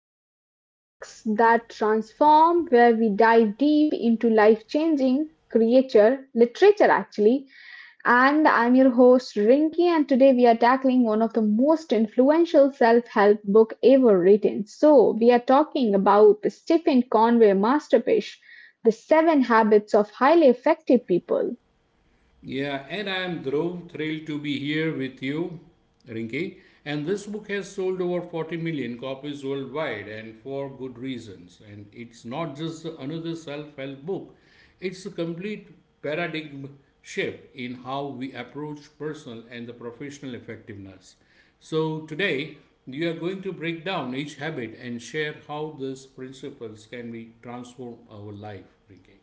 episode of Books That Transform, where we dive deep into life changing creature literature actually. And I'm your host Rinki, and today we are tackling one of the most influential self help book ever written. So, we are talking about Stephen Conway masterpiece, The Seven Habits of Highly Effective People. Yeah, and I am Dhruv, thrilled to be here with you, Rinki. And this book has sold over 40 million copies worldwide, and for good reasons. And it's not just another self help book, it's a complete paradigm shift in how we approach personal and the professional effectiveness. So, today, we are going to break down each habit and share how these principles can be transform our life, Rinki.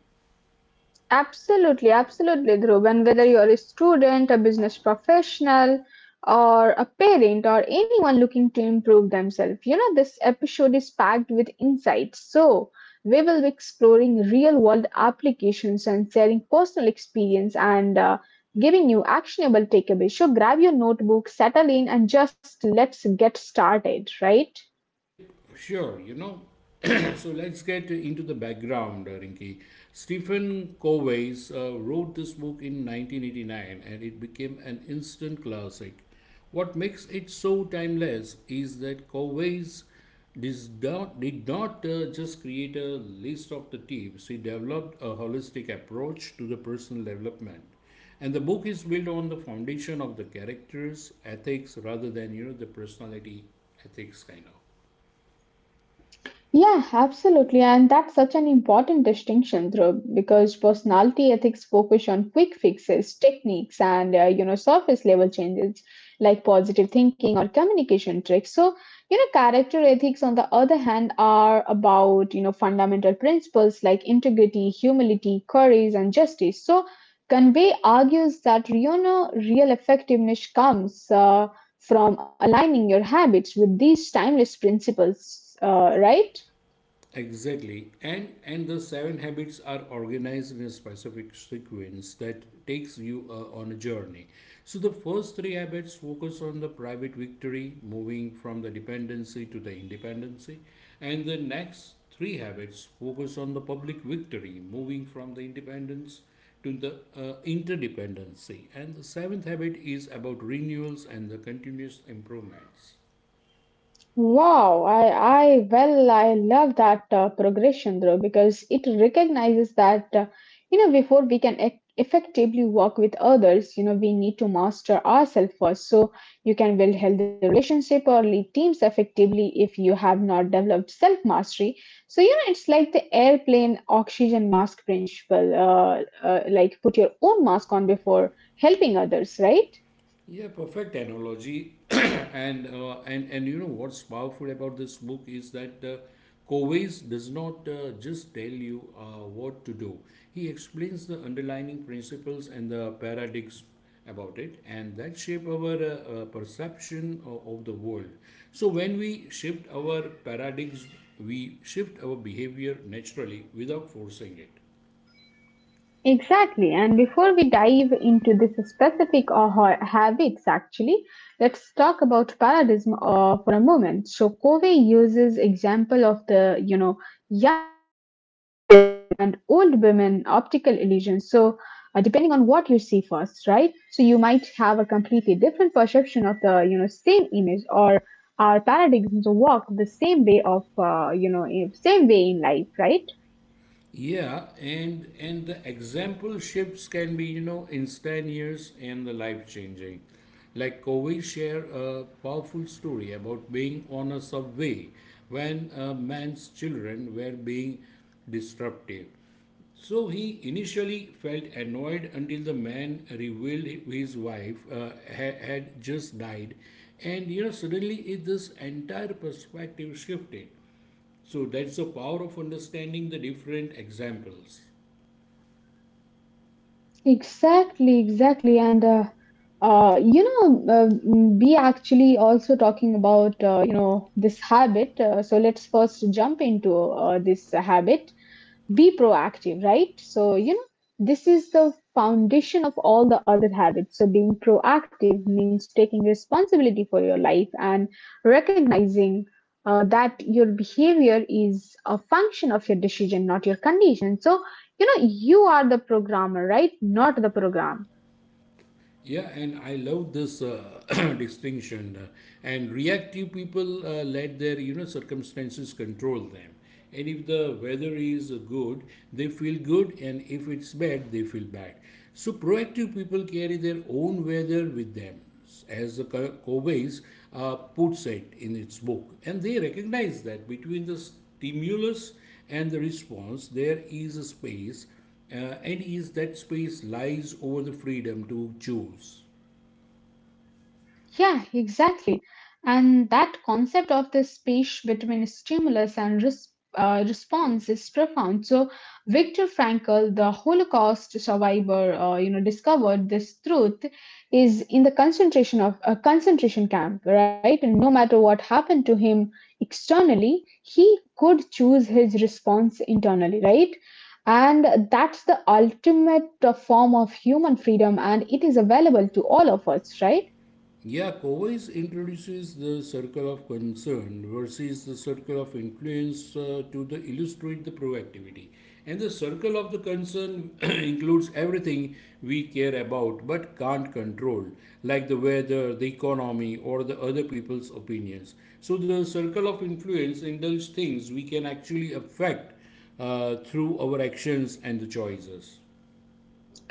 Absolutely, absolutely, Dhruv. And whether you're a student, a business professional, or a parent, or anyone looking to improve themselves, you know, this episode is packed with insights. So, we will be exploring real world applications and sharing personal experience and giving you actionable takeaways. So, grab your notebook, settle in, and just let's get started, right? Yep, sure. You know, so let's get into the background, Rinki. Stephen Covey's wrote this book in 1989 and it became an instant classic. What makes it so timeless is that Covey's did not just create a list of the tips, he developed a holistic approach to the personal development. And the book is built on the foundation of the characters, ethics, rather than, the personality ethics kind of. Yeah, absolutely. And that's such an important distinction, Dhruv, because personality ethics focus on quick fixes, techniques, and you know surface level changes like positive thinking or communication tricks. So you know character ethics, on the other hand, are about you know fundamental principles like integrity, humility, courage, and justice. So Conway argues that you know real effectiveness comes from aligning your habits with these timeless principles, right? Exactly. And the seven habits are organized in a specific sequence that takes you on a journey. So the first three habits focus on the private victory, moving from the dependency to the independency, and the next three habits focus on the public victory, moving from the independence to the interdependency. And the seventh habit is about renewals and the continuous improvements. Wow, I love that progression though because it recognizes that you know before we can effectively work with others, you know we need to master ourselves first. So you can build healthy relationship or lead teams effectively if you have not developed self mastery. So you know it's like the airplane oxygen mask principle. Like put your own mask on before helping others, right? Yeah, perfect analogy. And you know what's powerful about this book is that Covey's does not just tell you what to do. He explains the underlying principles and the paradigms about it, and that shape our perception of the world. So when we shift our paradigms, we shift our behavior naturally without forcing it. Exactly. And before we dive into this specific or habits, actually, let's talk about paradigm for a moment. So Covey uses example of the, you know, young women and old women optical illusion. So depending on what you see first, right? So you might have a completely different perception of the, you know, same image or our paradigms work the same way of, you know, same way in life, right? Yeah, and the example shifts can be, instantaneous and the life changing. Like Covey share a powerful story about being on a subway when a man's children were being disruptive. So he initially felt annoyed until the man revealed his wife had just died, and suddenly this entire perspective shifted. So that's the power of understanding the different examples. Exactly, exactly. And uh, you know, uh, we actually also talking about you know this habit. So let's first jump into this habit be proactive, right? So, you know, this is the foundation of all the other habits. So, being proactive means taking responsibility for your life and recognizing that your behavior is a function of your decision, not your condition. So, you know, you are the programmer, right? Not the program. Yeah, and I love this distinction. And reactive people let their circumstances control them. And if the weather is good, they feel good, and if it's bad, they feel bad. So proactive people carry their own weather with them, as the Covey's puts it in its book, and they recognize that between the stimulus and the response, there is a space and is that space lies over the freedom to choose. Yeah, exactly. And that concept of the space between stimulus and response is profound. So Viktor Frankl, the Holocaust survivor, you know, discovered this truth is in the concentration of a concentration camp, right? And no matter what happened to him externally, he could choose his response internally, right? And that's the ultimate form of human freedom, and it is available to all of us, right? Yeah, Cowboys introduces the circle of concern versus the circle of influence to the illustrate the proactivity. And the circle of the concern includes everything we care about but can't control, like the weather, the economy, or the other people's opinions. So the circle of influence indulges things we can actually affect through our actions and the choices.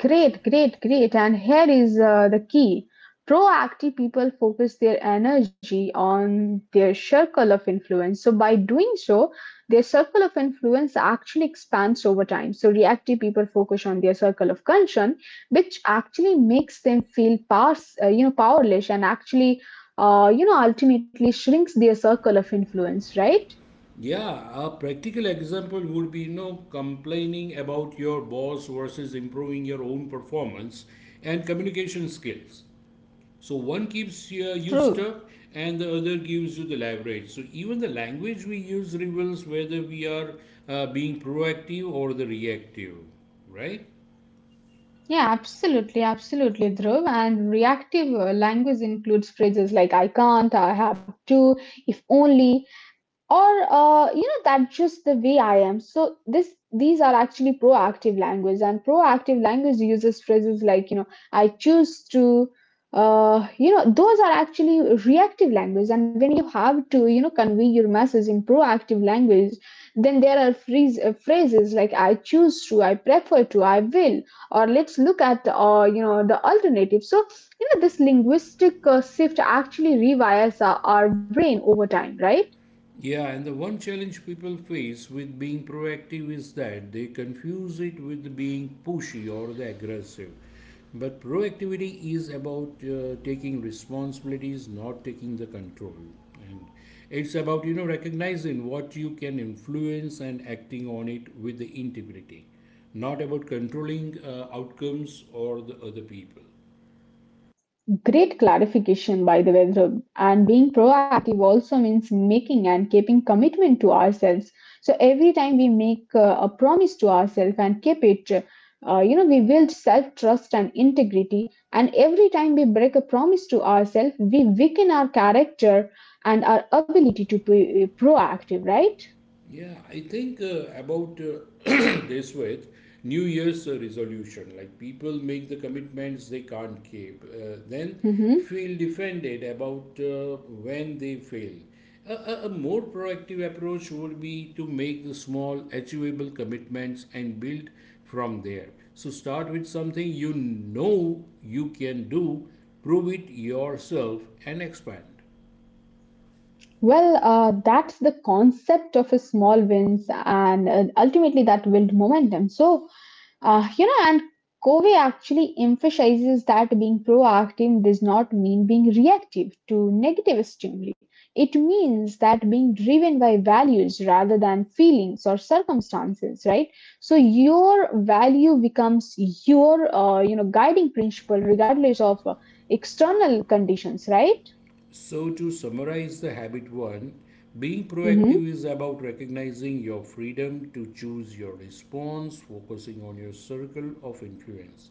Great, great, great. And here is the key. Proactive people focus their energy on their circle of influence. So, by doing so, their circle of influence actually expands over time. So, reactive people focus on their circle of concern, which actually makes them feel you know, powerless and actually, you know, ultimately shrinks their circle of influence, right? Yeah, a practical example would be, complaining about your boss versus improving your own performance and communication skills. So one keeps you True. stuck and the other gives you the leverage. So even the language we use reveals whether we are being proactive or the reactive, right? Yeah, absolutely, absolutely, Dhruv. And reactive language includes phrases like I can't, I have to, if only, or you know that's just the way I am, so this these are actually proactive language and proactive language uses phrases like you know I choose to you know those are actually reactive language and when you have to you know convey your message in proactive language then there are phrases like I choose to, I prefer to, I will, or let's look at you know the alternative. So you know this linguistic shift actually rewires our brain over time, right? Yeah, and the one challenge people face with being proactive is that they confuse it with being pushy or the aggressive. But proactivity is about taking responsibilities, not taking the control. And it's about, recognizing what you can influence and acting on it with the integrity, not about controlling outcomes or the other people. Great clarification, by the way, Dhruv. And being proactive also means making and keeping commitment to ourselves. So every time we make a promise to ourselves and keep it, you know, we build self trust and integrity. And every time we break a promise to ourselves, we weaken our character and our ability to be proactive, right? Yeah, I think about this with New Year's resolution. Like people make the commitments they can't keep, then Hmm. feel defended about when they fail. A more proactive approach would be to make the small, achievable commitments and build from there. So start with something you know you can do, prove it yourself, and expand. Well, that's the concept of a small wins, and ultimately that build momentum. So uh, you know, and Covey actually emphasizes that being proactive does not mean being reactive to negative stimuli. It means that being driven by values rather than feelings or circumstances, right? So your value becomes your, you know, guiding principle regardless of external conditions, right? So, to summarize the habit one, being Hmm. proactive is about recognizing your freedom to choose your response, focusing on your circle of influence,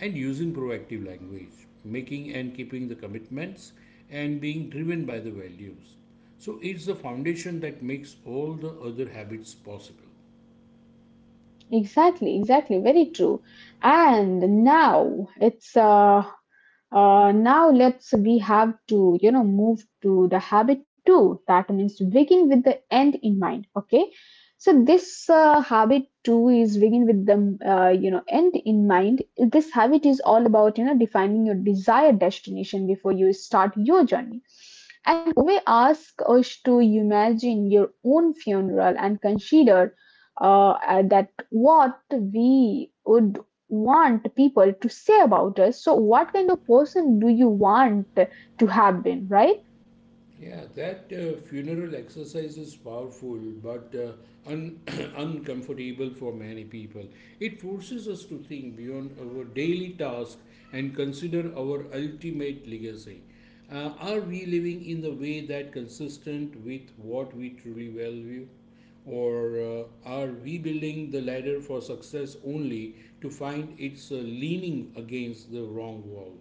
and using proactive language, making and keeping the commitments, and being driven by the values. So, it's the foundation that makes all the other habits possible. Exactly, exactly. Very true. And now it's uh, now let's we have to you know move to the habit two. That means to begin with the end in mind. Okay, so this habit two is begin with the you know end in mind. This habit is all about you know defining your desired destination before you start your journey and we ask us to imagine your own funeral and consider that what we would want people to say about us. So, what kind of person do you want to have been, right? Yeah, that funeral exercise is powerful but un- uncomfortable for many people. It forces us to think beyond our daily task and consider our ultimate legacy. Are we living in the way that consistent with what we truly value? Or are we building the ladder for success only to find it's leaning against the wrong wall?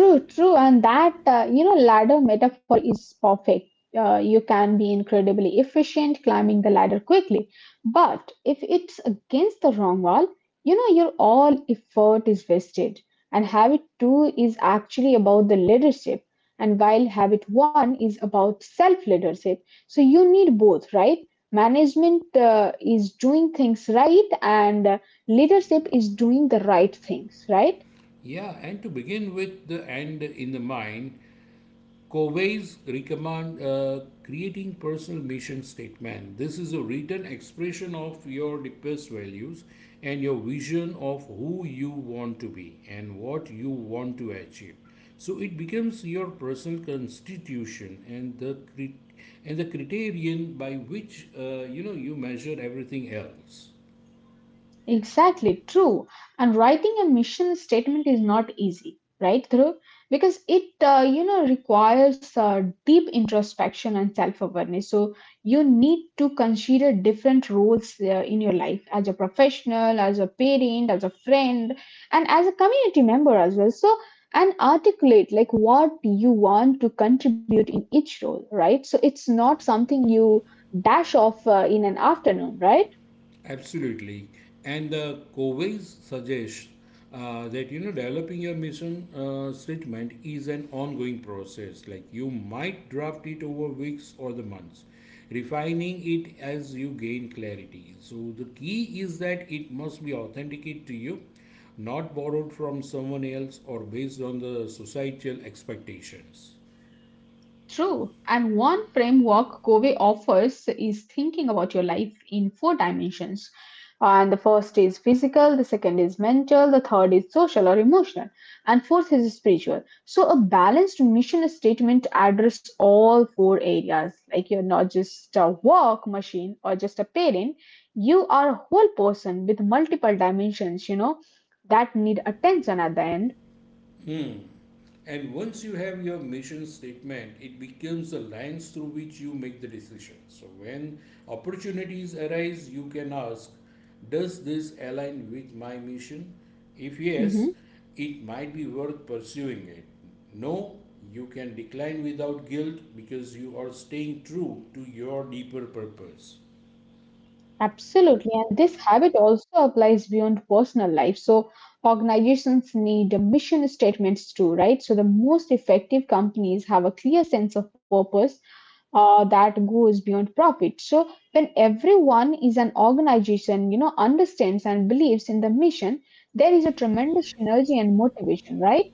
True, true, and that you know ladder metaphor is perfect. You can be incredibly efficient climbing the ladder quickly, but if it's against the wrong wall, you know your all effort is wasted. And habit two is actually about the leadership, and while habit one is about self leadership, so you need both, right? Management is doing things right, and leadership is doing the right things, right? Yeah, and to begin with the end in the mind, Covey's recommend creating personal mission statement. This is a written expression of your deepest values and your vision of who you want to be and what you want to achieve. So it becomes your personal constitution and the criterion by which you measure everything else. Exactly, true. And writing a mission statement is not easy, right, Dhruv? Because it, you know, requires deep introspection and self-awareness. So you need to consider different roles in your life as a professional, as a parent, as a friend, and as a community member as well. So and articulate like what you want to contribute in each role, right? So it's not something you dash off in an afternoon, right? Absolutely. And the COVIDs suggests that developing your mission statement is an ongoing process. Like you might draft it over weeks or the months, refining it as you gain clarity. So the key is that it must be authenticated to you, not borrowed from someone else or based on the societal expectations. True. And one framework Covey offers is thinking about your life in four dimensions. And the first is physical, the second is mental, the third is social or emotional, and fourth is spiritual. So a balanced mission statement address all four areas. Like you're not just a work machine or just a parent, you are a whole person with multiple dimensions, you know, that need attention at the end. And once you have your mission statement, it becomes the lens through which you make the decision. So when opportunities arise, you can ask, does this align with my mission? If yes, Mhm. it might be worth pursuing it. No, you can decline without guilt because you are staying true to your deeper purpose. Absolutely. And this habit also applies beyond personal life. So organizations need mission statements too, right? So the most effective companies have a clear sense of purpose that goes beyond profit. So when everyone is an organization, you know, understands and believes in the mission, there is a tremendous energy and motivation, right?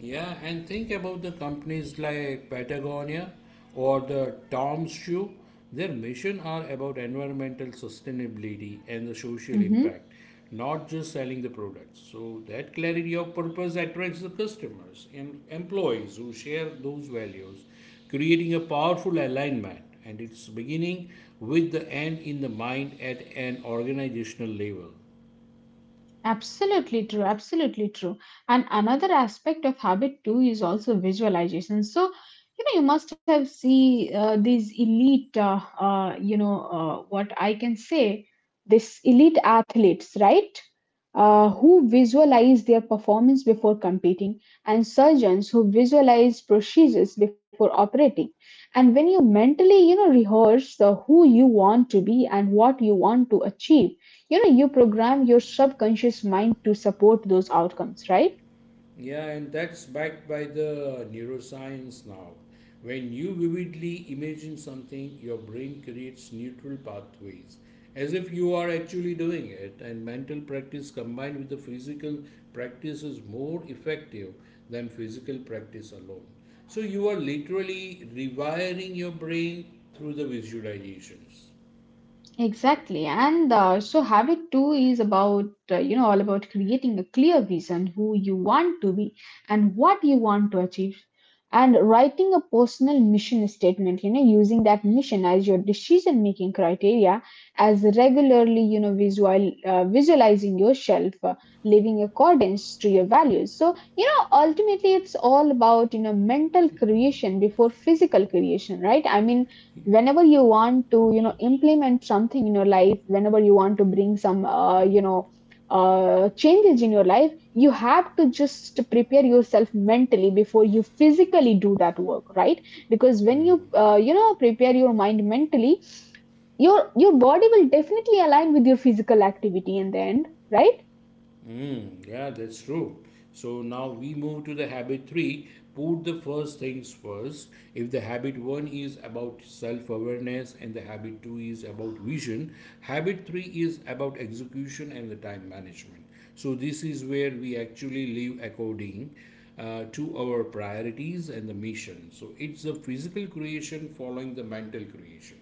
Yeah, and think about the companies like Patagonia or the Tom's Shoe. Their mission are about environmental sustainability and the social Mhm. impact, not just selling the products. So that clarity of purpose attracts the customers and employees who share those values, creating a powerful alignment. And it's beginning with the end in the mind at an organizational level. Absolutely true, absolutely true. And another aspect of habit too is also visualization. So, you know, you must have see these elite, you know, what I can say, this elite athletes, right? Who visualize their performance before competing, and surgeons who visualize procedures before operating. And when you mentally, you know, rehearse who you want to be and what you want to achieve, you know, you program your subconscious mind to support those outcomes, right? Yeah, and that's backed by the neuroscience now. When you vividly imagine something, your brain creates neutral pathways as if you are actually doing it, and mental practice combined with the physical practice is more effective than physical practice alone. So you are literally rewiring your brain through the visualizations. Exactly, and so habit two is about you know all about creating a clear vision who you want to be and what you want to achieve, and writing a personal mission statement. You know, using that mission as your decision making criteria, as regularly you know visualizing yourself living accordance to your values. So you know ultimately it's all about you know mental creation before physical creation, right? I mean whenever you want to you know implement something in your life, whenever you want to bring some you know changes in your life, you have to just prepare yourself mentally before you physically do that work, right? Because when you you know prepare your mind mentally, your body will definitely align with your physical activity in the end, right? Mm, yeah, that's true. So now we move to the habit three. Put the first things first. If the habit one is about self awareness and the habit two is about vision, habit three is about execution and the time management. So this is where we actually live according to our priorities and the mission. So it's the physical creation following the mental creation.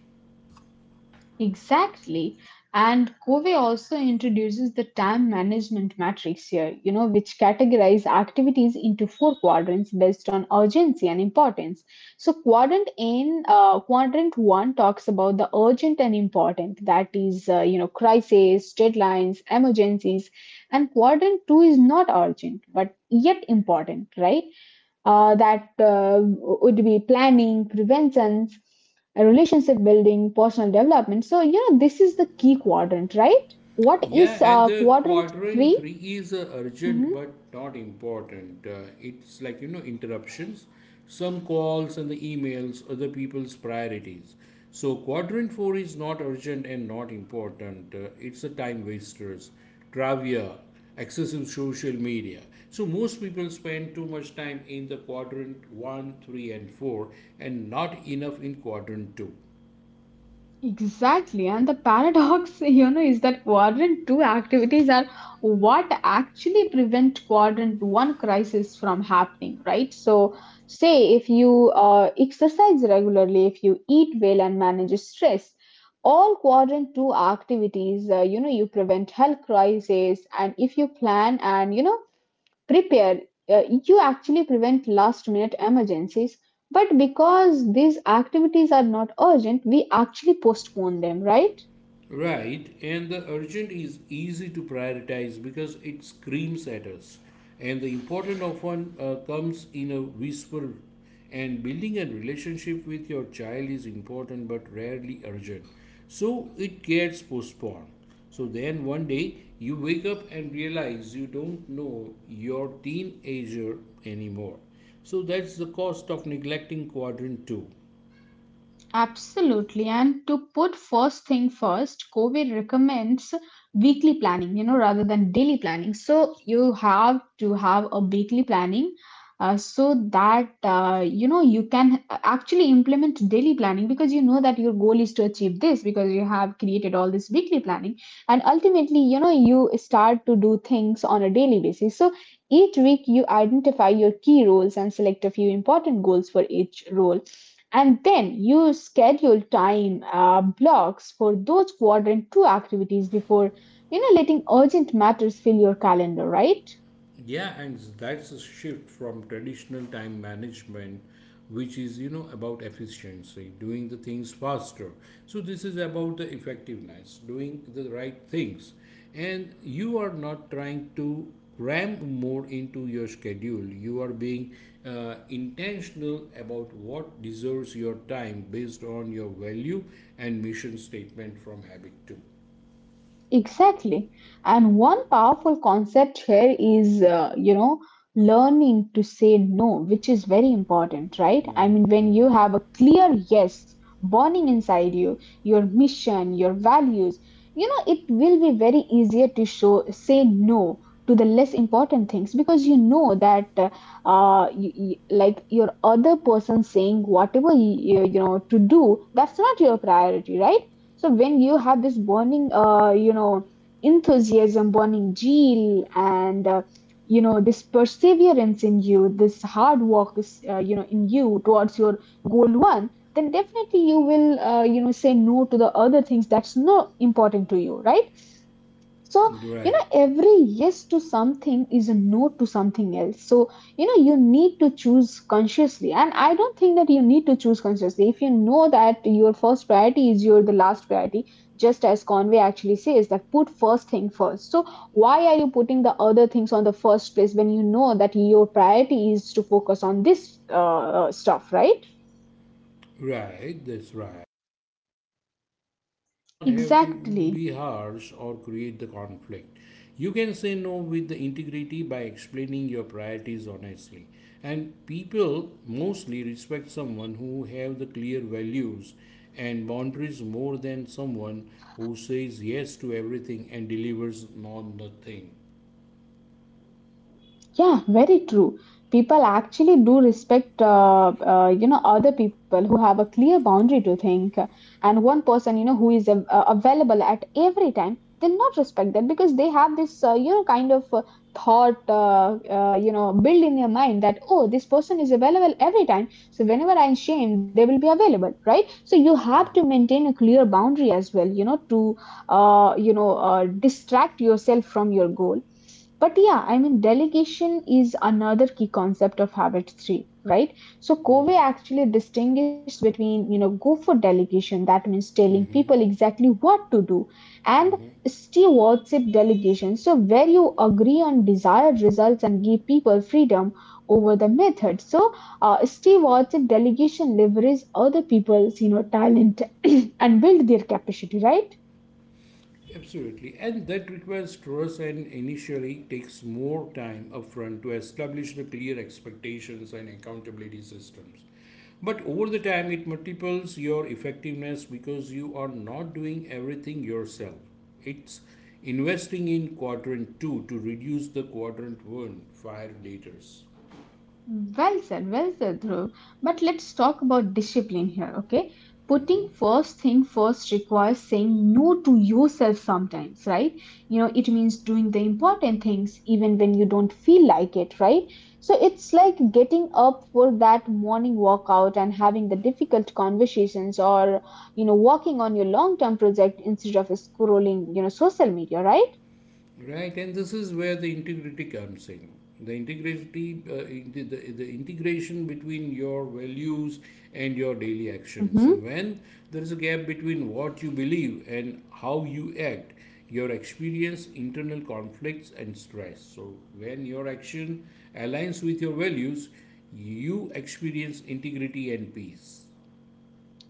Exactly. And Covey also introduces the time management matrix here, you know, which categorize activities into four quadrants based on urgency and importance. So quadrant one talks about the urgent and important, that is, you know, crises, deadlines, emergencies, and quadrant two is not urgent but yet important, right? Uh, that would be planning, preventions, relationship building, personal development. So, you know, this is the key quadrant, right? What is Yeah, and the quadrant quadrant 3? three is urgent but not important. It's like, interruptions, some calls and the emails, other people's priorities. So, quadrant four is not urgent and not important. It's a time wasters, trivia, excessive social media. So, most people spend too much time in the quadrant one, three, and four and not enough in quadrant two. Exactly, and the paradox, you know, is that quadrant two activities are what actually prevent quadrant one crisis from happening, right? So, say if you exercise regularly, if you eat well and manage stress, all quadrant two activities, you know, you prevent health crisis, and if you plan and you know prepared. You actually prevent last minute emergencies, but because these activities are not urgent, we actually postpone them, right? Right, and the urgent is easy to prioritize because it screams at us. And the important often comes in a whisper. And building a relationship with your child is important but rarely urgent. So it gets postponed. So then one day you wake up and realize you don't know your teenager anymore. So that's the cost of neglecting quadrant 2. Absolutely. And to put first thing first, COVID recommends weekly planning, you know, rather than daily planning. So you have to have a weekly planning so that, you can actually implement daily planning because you know that your goal is to achieve this because you have created all this weekly planning. And ultimately, you start to do things on a daily basis. So each week you identify your key roles and select a few important goals for each role, and then you schedule time blocks for those quadrant two activities before letting urgent matters fill your calendar, right? Yeah, and that's a shift from traditional time management, which is, about efficiency, doing the things faster. So, this is about the effectiveness, doing the right things. And you are not trying to cram more into your schedule. You are being intentional about what deserves your time based on your value and mission statement from habit two. Exactly. And one powerful concept here is, learning to say no, which is very important, right? I mean, when you have a clear yes burning inside you, your mission, your values, it will be very easier to show say no to the less important things because you know that like your other person saying whatever you, you know to do, that's not your priority, right? So when you have this burning, enthusiasm, burning zeal, and this perseverance in you, this hard work is, in you towards your goal one, then definitely you will, say no to the other things that's not important to you, right? So, Right, every yes to something is a no to something else. So, you need to choose consciously. And I don't think that you need to choose consciously. If you know that your first priority is your the last priority, just as Conway actually says that put first thing first. So, why are you putting the other things on the first place when you know that your priority is to focus on this stuff, right? right, that's right. Does not have to Exactly. be harsh or create the conflict. You can say no with the integrity by explaining your priorities honestly. And people mostly respect someone who have the clear values and boundaries more than someone who says yes to everything and delivers on nothing. Yeah, very true. People actually do respect, other people who have a clear boundary to think, and one person, who is available at every time, they'll not respect that because they have this, kind of thought, built in their mind that oh, this person is available every time, so whenever I'm shamed, they will be available, right? So you have to maintain a clear boundary as well, to distract yourself from your goal. But yeah, I mean, delegation is another key concept of habit 3, right? So Covey actually distinguished between, go for delegation, that means telling people exactly what to do, and stewardship delegation, so where you agree on desired results and give people freedom over the method. So stewardship delegation leverage other people's talent and build their capacity, right? Absolutely, and that requires trust and initially takes more time upfront to establish the clear expectations and accountability systems. But over the time, it multiples your effectiveness because you are not doing everything yourself. It's investing in quadrant two to reduce the quadrant one fire leaders. Well said, Dhruv. But let's talk about discipline here, okay? Putting first thing first requires saying no to yourself sometimes, right? It means doing the important things even when you don't feel like it, right? So it's like getting up for that morning workout and having the difficult conversations or working on your long term project instead of scrolling social media, right? Right, and this is where the integrity comes in. The integrity, in the integration between your values and your daily actions. So Mhm. when there is a gap between what you believe and how you act, your experience internal conflicts and stress. So when your action aligns with your values, you experience integrity and peace.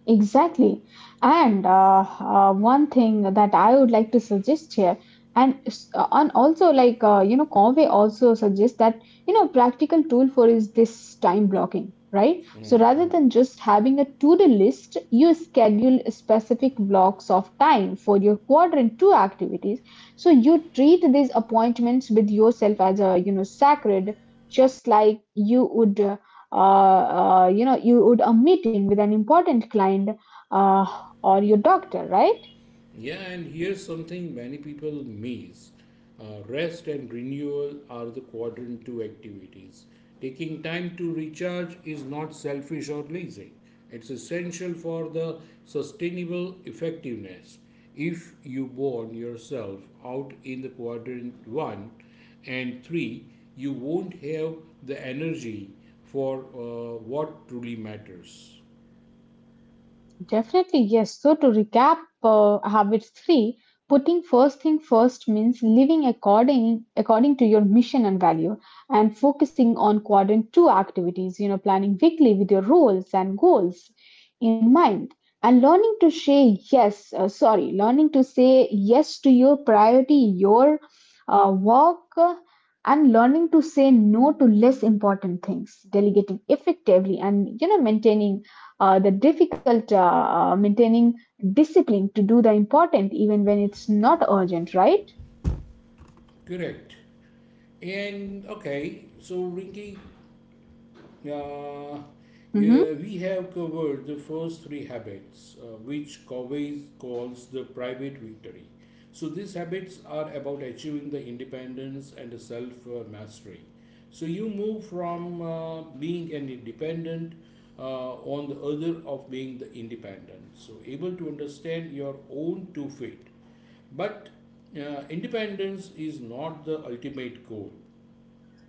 Exactly. And one thing that I would like to suggest here, and, and also, like, Conway also suggests that, practical tool for is this time blocking, right? So rather than just having a to-do list, you schedule specific blocks of time for your quadrant two activities, so you treat these appointments with yourself as a sacred, just like you would a meeting with an important client uh, or your doctor, right? Yeah, and here's something many people miss. Rest and renewal are the quadrant two activities. Taking time to recharge is not selfish or lazy. It's essential for the sustainable effectiveness. If you burn yourself out in the quadrant one and three, you won't have the energy for what truly matters. Definitely, yes. So, to recap, habit three, putting first thing first means living according to your mission and value, and focusing on quadrant two activities. Planning weekly with your roles and goals in mind, and learning to say yes. Sorry, learning to say yes to your priority, your work, and learning to say no to less important things, delegating effectively, and maintaining the difficult maintaining discipline to do the important even when it's not urgent, right? Correct. And okay, so Rinky, Uh, yeah, Mhm. we have covered the first three habits, which Covey calls the private victory. So these habits are about achieving the independence and the self mastery. So you move from being an independent on the other of being the independent. So able to understand your own two feet. But independence is not the ultimate goal.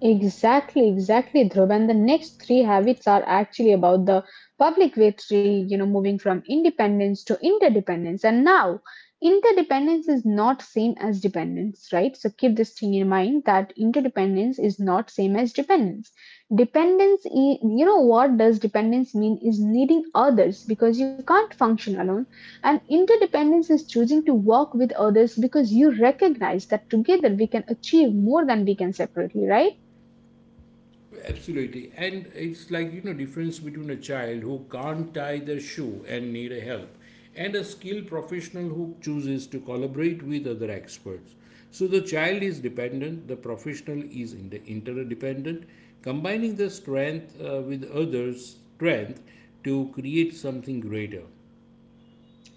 Exactly, exactly, Dhruv. And the next three habits are actually about the public victory, moving from independence to interdependence. And now, interdependence is not same as dependence, right? So keep this thing in mind that interdependence is not same as dependence. Dependence, what does dependence mean is needing others because you can't function alone. And interdependence is choosing to work with others because you recognize that together we can achieve more than we can separately, right? Absolutely. And it's like, you know, difference between a child who can't tie their shoe and need a help and a skilled professional who chooses to collaborate with other experts. So the child is dependent, the professional is in the interdependent, combining the strength with others' strength to create something greater.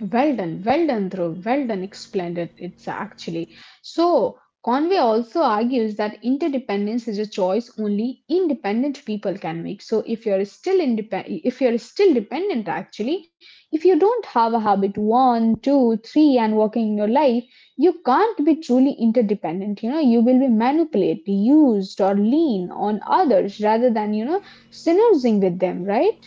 Well done, Dhruv. Well done, explained it. It's actually so. Conway also argues that interdependence is a choice only independent people can make. So if you're still independent, if you're still dependent, actually, if you don't have a habit one, two, three, and working in your life, you can't be truly interdependent. You will be manipulated, used, or lean on others rather than synergizing with them, right?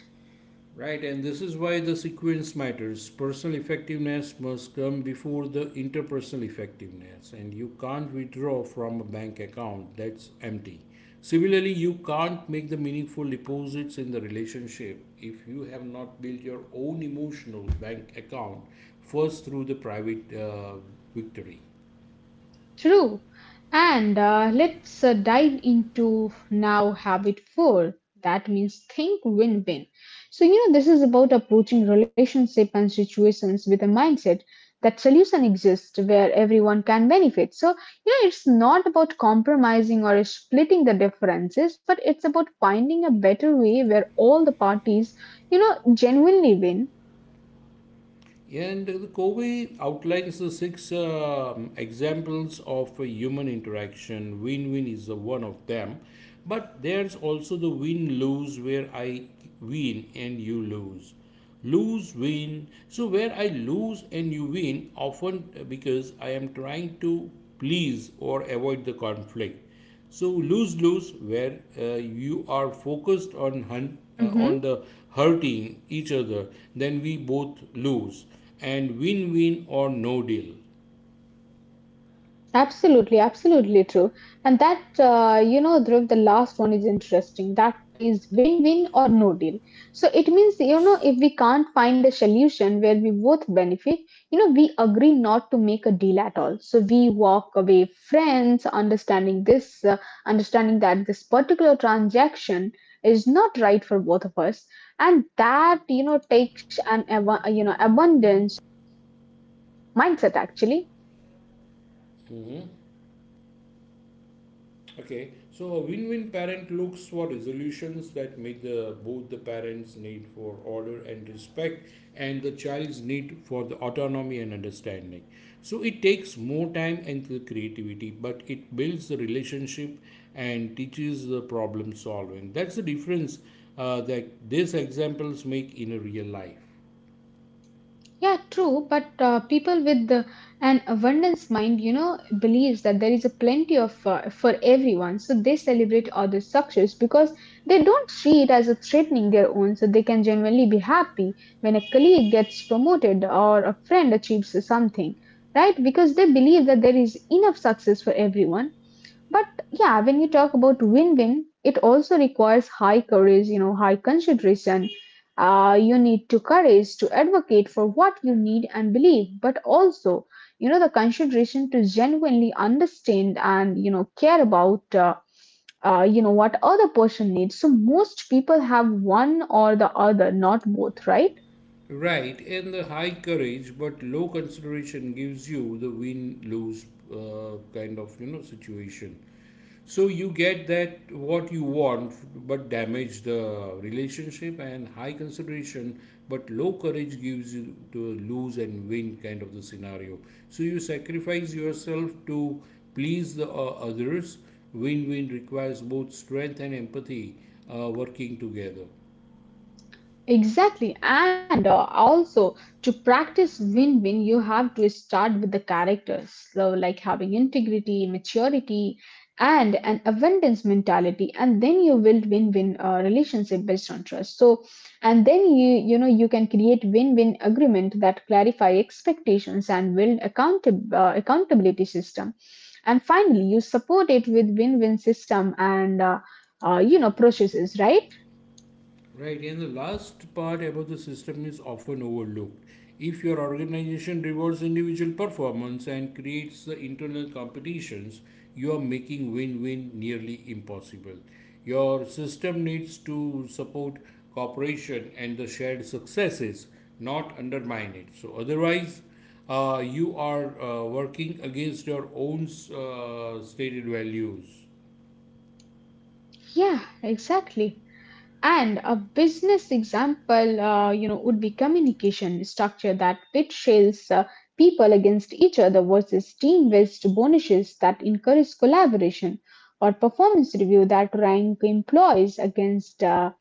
Right, and this is why the sequence matters. Personal effectiveness must come before the interpersonal effectiveness, and you can't withdraw from a bank account that's empty. Similarly, you can't make the meaningful deposits in the relationship if you have not built your own emotional bank account first through the private victory. True. And let's dive into now habit four. That means think win win. So, this is about approaching relationship and situations with a mindset that solution exists where everyone can benefit. So, it's not about compromising or splitting the differences, but it's about finding a better way where all the parties, genuinely win. And the Covey outlines the six examples of a human interaction. Win win is the one of them, but there's also the win lose where I win and you lose. Lose win. So, where I lose and you win, often because I am trying to please or avoid the conflict, so lose lose where you are focused on on Mm-hmm. the hurting each other, then we both lose and win win or no deal. Absolutely, absolutely true. And that, Dhruv, the last one is interesting. That is win win or no deal. So it means, if we can't find a solution where we both benefit, we agree not to make a deal at all. So we walk away friends, understanding that this particular transaction is not right for both of us. And that, takes an, abundance mindset actually. Okay, so a win-win parent looks for resolutions that meet the, both the parents' need for order and respect and the child's need for the autonomy and understanding. So it takes more time and the creativity, but it builds the relationship and teaches the problem solving. That's the difference that these examples make in a real life. Yeah, true, but people with an abundance mind, believes that there is a plenty of for everyone. So they celebrate others' success because they don't see it as a threatening their own. So they can genuinely be happy when a colleague gets promoted or a friend achieves something, right? Because they believe that there is enough success for everyone. But yeah, when we talk about win win, it also requires high courage, high consideration. You need to courage to advocate for what you need and believe, but also, the consideration to genuinely understand and, care about. You know what other person needs, so most people have one or the other, not both, right? Right, and the high courage but low consideration gives you the win lose kind of you know situation. So you get that what you want but damage the relationship, and high consideration but low courage gives you the lose and win kind of the scenario. So you sacrifice yourself to please the others. Win win requires both strength and empathy working together. Exactly. And also, to practice win win, you have to start with the characters. So, like having integrity, maturity, and an abundance mentality. And then you build win win relationship based on trust. So, and then you can create win win agreement that clarify expectations and build accountability system. And finally, you support it with win win system and, processes, right? Right, and the last part about the system is often overlooked. If your organization rewards individual performance and creates the internal competitions, you are making win win nearly impossible. Your system needs to support cooperation and the shared successes, not undermine it. So, otherwise, you are working against your own stated values. Yeah, exactly. And a business example, would be communication structure that betrays people against each other versus team-based bonuses that encourage collaboration, or performance review that rank employees against, uh,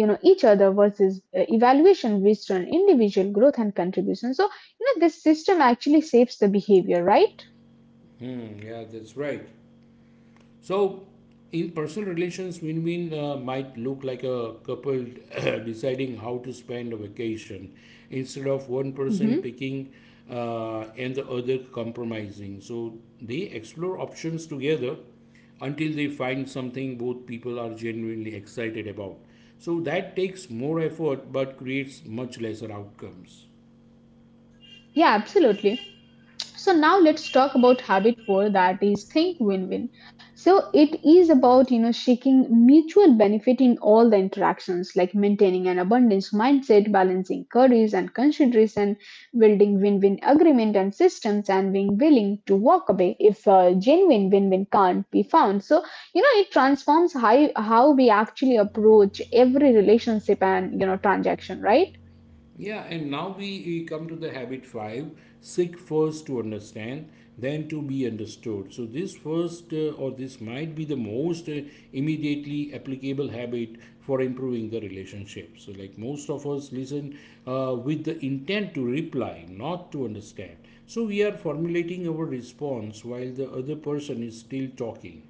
you know, each other versus evaluation based on individual growth and contribution. So, this system actually saves the behavior, right? Hmm, yeah, that's right. So, in personal relations, win win might look like a couple deciding how to spend a vacation instead of one person Hmm. picking and the other compromising. So, they explore options together until they find something both people are genuinely excited about. So, that takes more effort but creates much lesser outcomes. Yeah, absolutely. So now let's talk about habit four, that is think win-win. So it is about seeking mutual benefit in all the interactions, like maintaining an abundance mindset, balancing queries and consideration, building win-win agreement and systems, and being willing to walk away if genuine win-win can't be found. So it transforms how we actually approach every relationship and transaction, right? Yeah, and now we come to the habit five, seek first to understand, then to be understood. So, this first or this might be the most immediately applicable habit for improving the relationship. So, like most of us listen with the intent to reply, not to understand. So, we are formulating our response while the other person is still talking.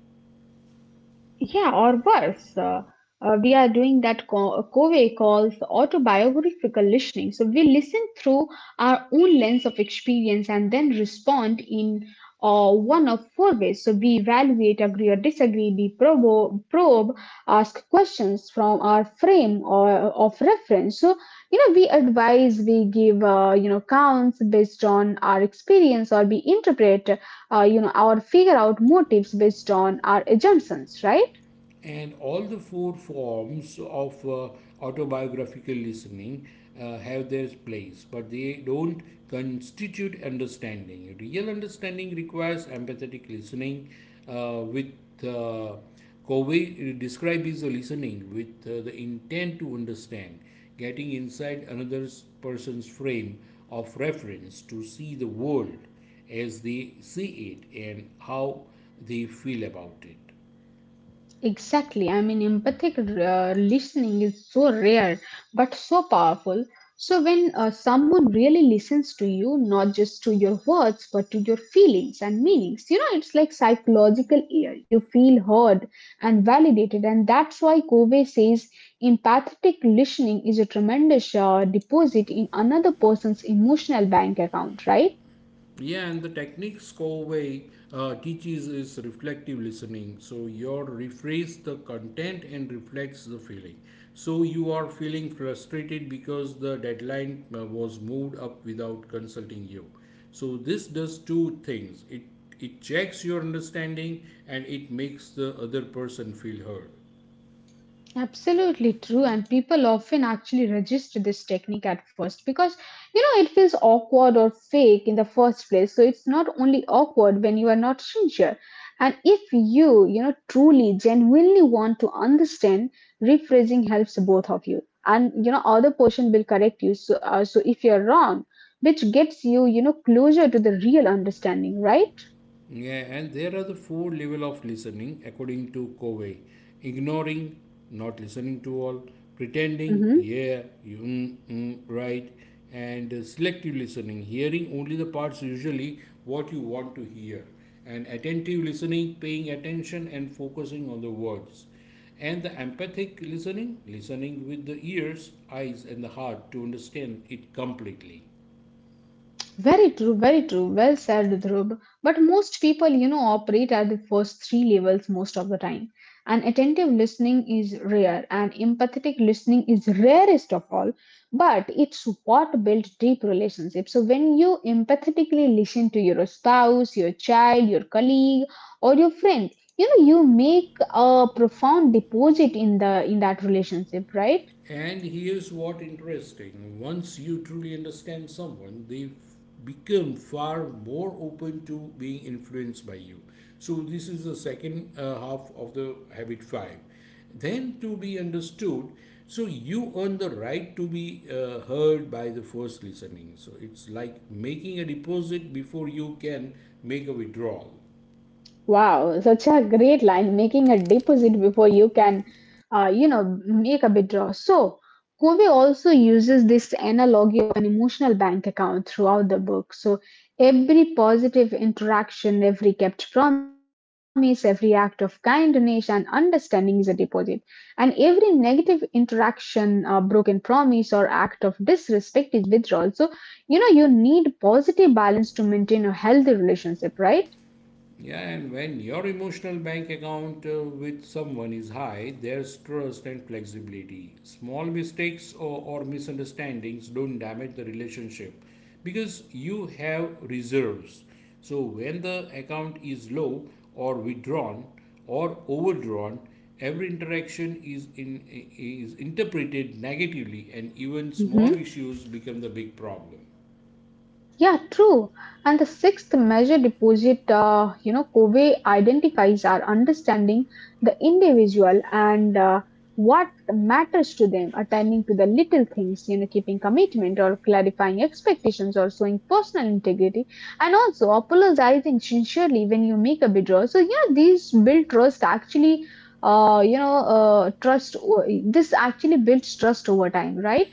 Yeah, or worse, we are doing that Covey calls autobiographical listening. So we listen through our own lens of experience and then respond in one of four ways. So we evaluate, agree or disagree, we probe, ask questions from our frame or of reference. So we advise, we give counts based on our experience, or we interpret, our figure out motives based on our assumptions, right? And all the four forms of autobiographical listening have their place, but they don't constitute understanding. Real understanding requires empathetic listening, with uh, Covey described his listening with the intent to understand, getting inside another person's frame of reference to see the world as they see it and how they feel about it. Exactly. I mean, empathic listening is so rare but so powerful. So, when someone really listens to you, not just to your words but to your feelings and meanings, it's like psychological ear. You feel heard and validated, and that's why Covey says empathetic listening is a tremendous deposit in another person's emotional bank account, right? Yeah, and the technique Scovey teaches is reflective listening. So you rephrase the content and reflects the feeling. So you are feeling frustrated because the deadline was moved up without consulting you. So this does two things. It checks your understanding and it makes the other person feel heard. Absolutely true, and people often actually register this technique at first because it feels awkward or fake in the first place. So it's not only awkward when you are not sincere, and if you you know truly genuinely want to understand, rephrasing helps both of you, and other person will correct you. So if you're wrong, which gets you you know closer to the real understanding, right? Yeah, and there are the four level of listening according to Covey. Ignoring, not listening to all, pretending, Mm-hmm. yeah, you mm, mm, right, and selective listening, hearing only the parts usually what you want to hear, and attentive listening, paying attention and focusing on the words. And the empathic listening, listening with the ears, eyes, and the heart to understand it completely. Very true, very true. Well said, Dhruv. But most people, you know, operate at the first three levels most of the time. And attentive listening is rare, and empathetic listening is rarest of all. But it's what builds deep relationships. So when you empathetically listen to your spouse, your child, your colleague, or your friend, you know, you make a profound deposit in the in that relationship, right? And here's what interesting. Once you truly understand someone, they become far more open to being influenced by you. So this is the second half of the habit 5. Then to be understood, so you earn the right to be heard by the first listening. So it's like making a deposit before you can make a withdrawal. Wow, such a great line, making a deposit before you can, make a withdrawal. So, Kobe also uses this analogy of an emotional bank account throughout the book. So, every positive interaction, every kept promise, every act of kindness and understanding is a deposit. And every negative interaction, broken promise, or act of disrespect is withdrawal. So, you know, you need positive balance to maintain a healthy relationship, right? Yeah, and when your emotional bank account with someone is high, there's trust and flexibility. Small mistakes or misunderstandings don't damage the relationship because you have reserves. So when the account is low or withdrawn or overdrawn, every interaction is interpreted negatively and even small issues become the big problem. Yeah, true. And the sixth measure deposit, you know, Kobe identifies our understanding the individual and what matters to them, attending to the little things, you know, keeping commitment or clarifying expectations or showing personal integrity, and also apologizing sincerely when you make a withdrawal. So, you know, these build trust actually, this actually builds trust over time, right?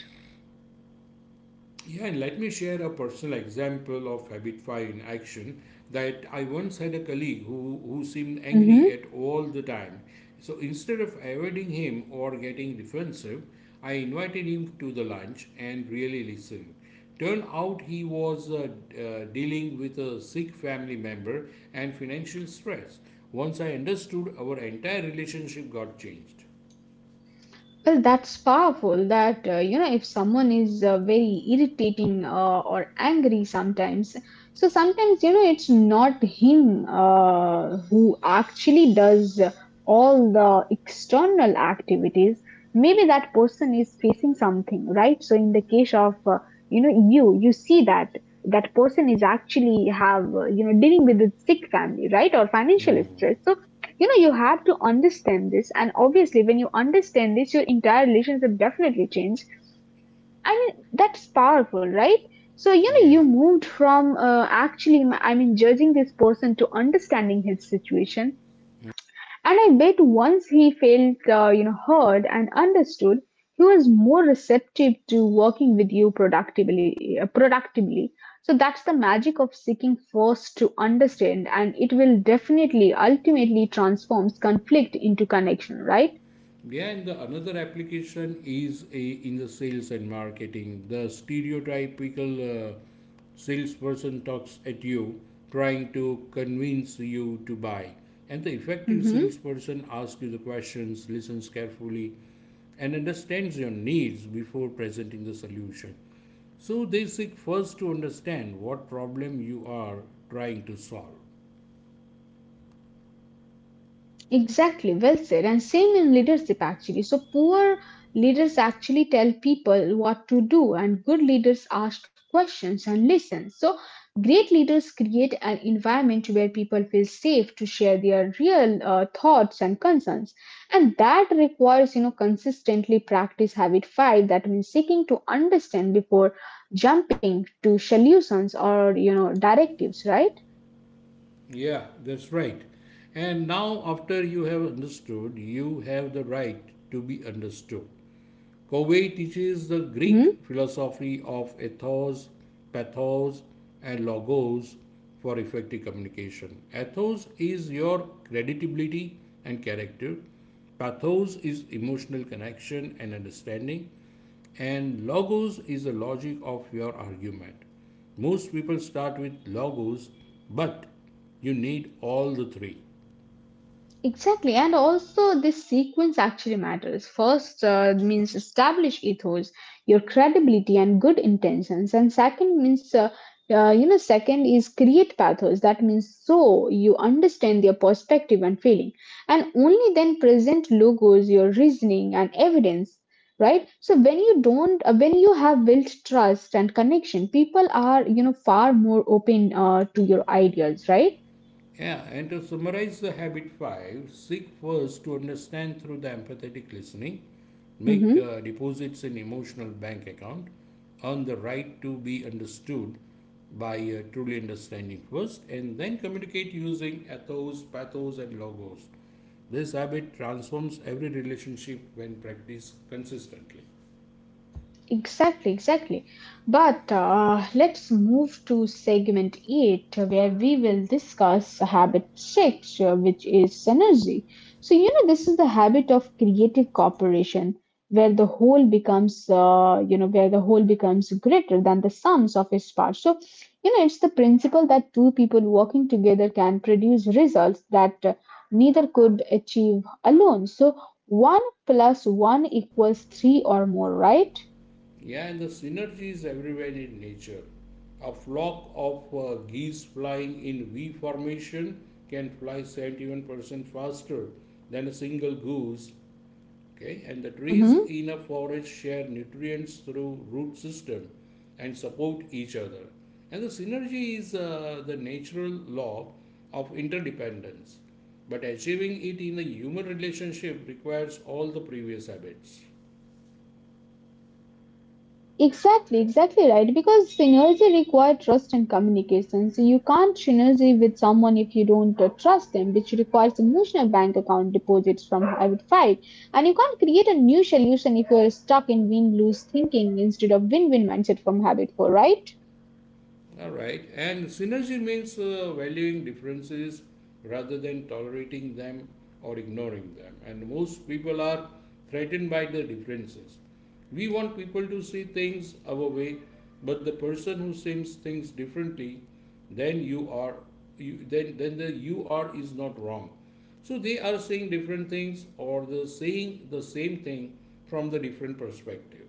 Yeah, and let me share a personal example of habit five in action that I once had a colleague who seemed angry Mhm. at all the time. So instead of avoiding him or getting defensive, I invited him to the lunch and really listened. Turned out he was dealing with a sick family member and financial stress. Once I understood, our entire relationship got changed. Well, that's powerful. That you know, if someone is very irritating or angry sometimes, so sometimes you know it's not him who actually does all the external activities. Maybe that person is facing something, right? So in the case of you know you see that that person is actually have you know dealing with a sick family, right, or financial stress. So you know, you have to understand this, and obviously, when you understand this, your entire relationship definitely change. I mean, that's powerful, right? So, you know, you moved from actually, I mean, judging this person to understanding his situation. And I bet once he felt, you know, heard and understood, he was more receptive to working with you productively. Productively, so that's the magic of seeking first to understand, and it will definitely, ultimately, transforms conflict into connection, right? Yeah, and the another application is a, in the sales and marketing. The stereotypical salesperson talks at you, trying to convince you to buy. And the effective salesperson asks you the questions, listens carefully, and understands your needs before presenting the solution. So they seek first to understand what problem you are trying to solve. Exactly, well said. And same in leadership actually. So poor leaders actually tell people what to do, and good leaders ask questions and listen. So great leaders create an environment where people feel safe to share their real thoughts and concerns. And that requires, you know, consistently practice habit five. That means seeking to understand before jumping to solutions or you know directives, right? Yeah, that's right. And now, after you have understood, you have the right to be understood. Covey teaches the Greek Mhm. philosophy of ethos, pathos, and logos for effective communication. Ethos is your credibility and character, pathos is emotional connection and understanding, and logos is the logic of your argument. Most people start with logos, but you need all the three. Exactly, and also this sequence actually matters. First means establish ethos, your credibility and good intentions, and second means you know second is create pathos. That means so you understand their perspective and feeling, and only then present logos, your reasoning and evidence. Right. So when you don't, when you have built trust and connection, people are you know far more open to your ideas. Right. Yeah, and to summarize the habit five, seek first to understand through the empathetic listening, make Mm-hmm. Deposits in emotional bank account, earn the right to be understood by truly understanding first, and then communicate using ethos, pathos, and logos. This habit transforms every relationship when practiced consistently. Exactly, exactly. But let's move to segment 8, where we will discuss habit 6, which is synergy. So, you know, this is the habit of creative cooperation, where the whole becomes, where the whole becomes greater than the sums of its parts. So, you know, it's the principle that two people working together can produce results that neither could achieve alone. So, 1 plus 1 equals 3 or more, right? Yeah, and the synergy is everywhere in nature. A flock of geese flying in V formation can fly 71% faster than a single goose. Okay, and the trees Hmm. in a forest share nutrients through root system and support each other. And the synergy is the natural law of interdependence. But achieving it in a human relationship requires all the previous habits. Exactly, exactly right. Because synergy requires trust and communication. So you can't synergy with someone if you don't trust them, which requires emotional bank account deposits from I would five. And you can't create a new solution if you're stuck in win-lose thinking instead of win-win mindset from habit four, right? All right. And synergy means valuing differences rather than tolerating them or ignoring them. And most people are threatened by the differences. We want people to see things our way, but the person who sees things differently then you are, you, then the you are is not wrong. So they are saying different things or the saying the same thing from the different perspective.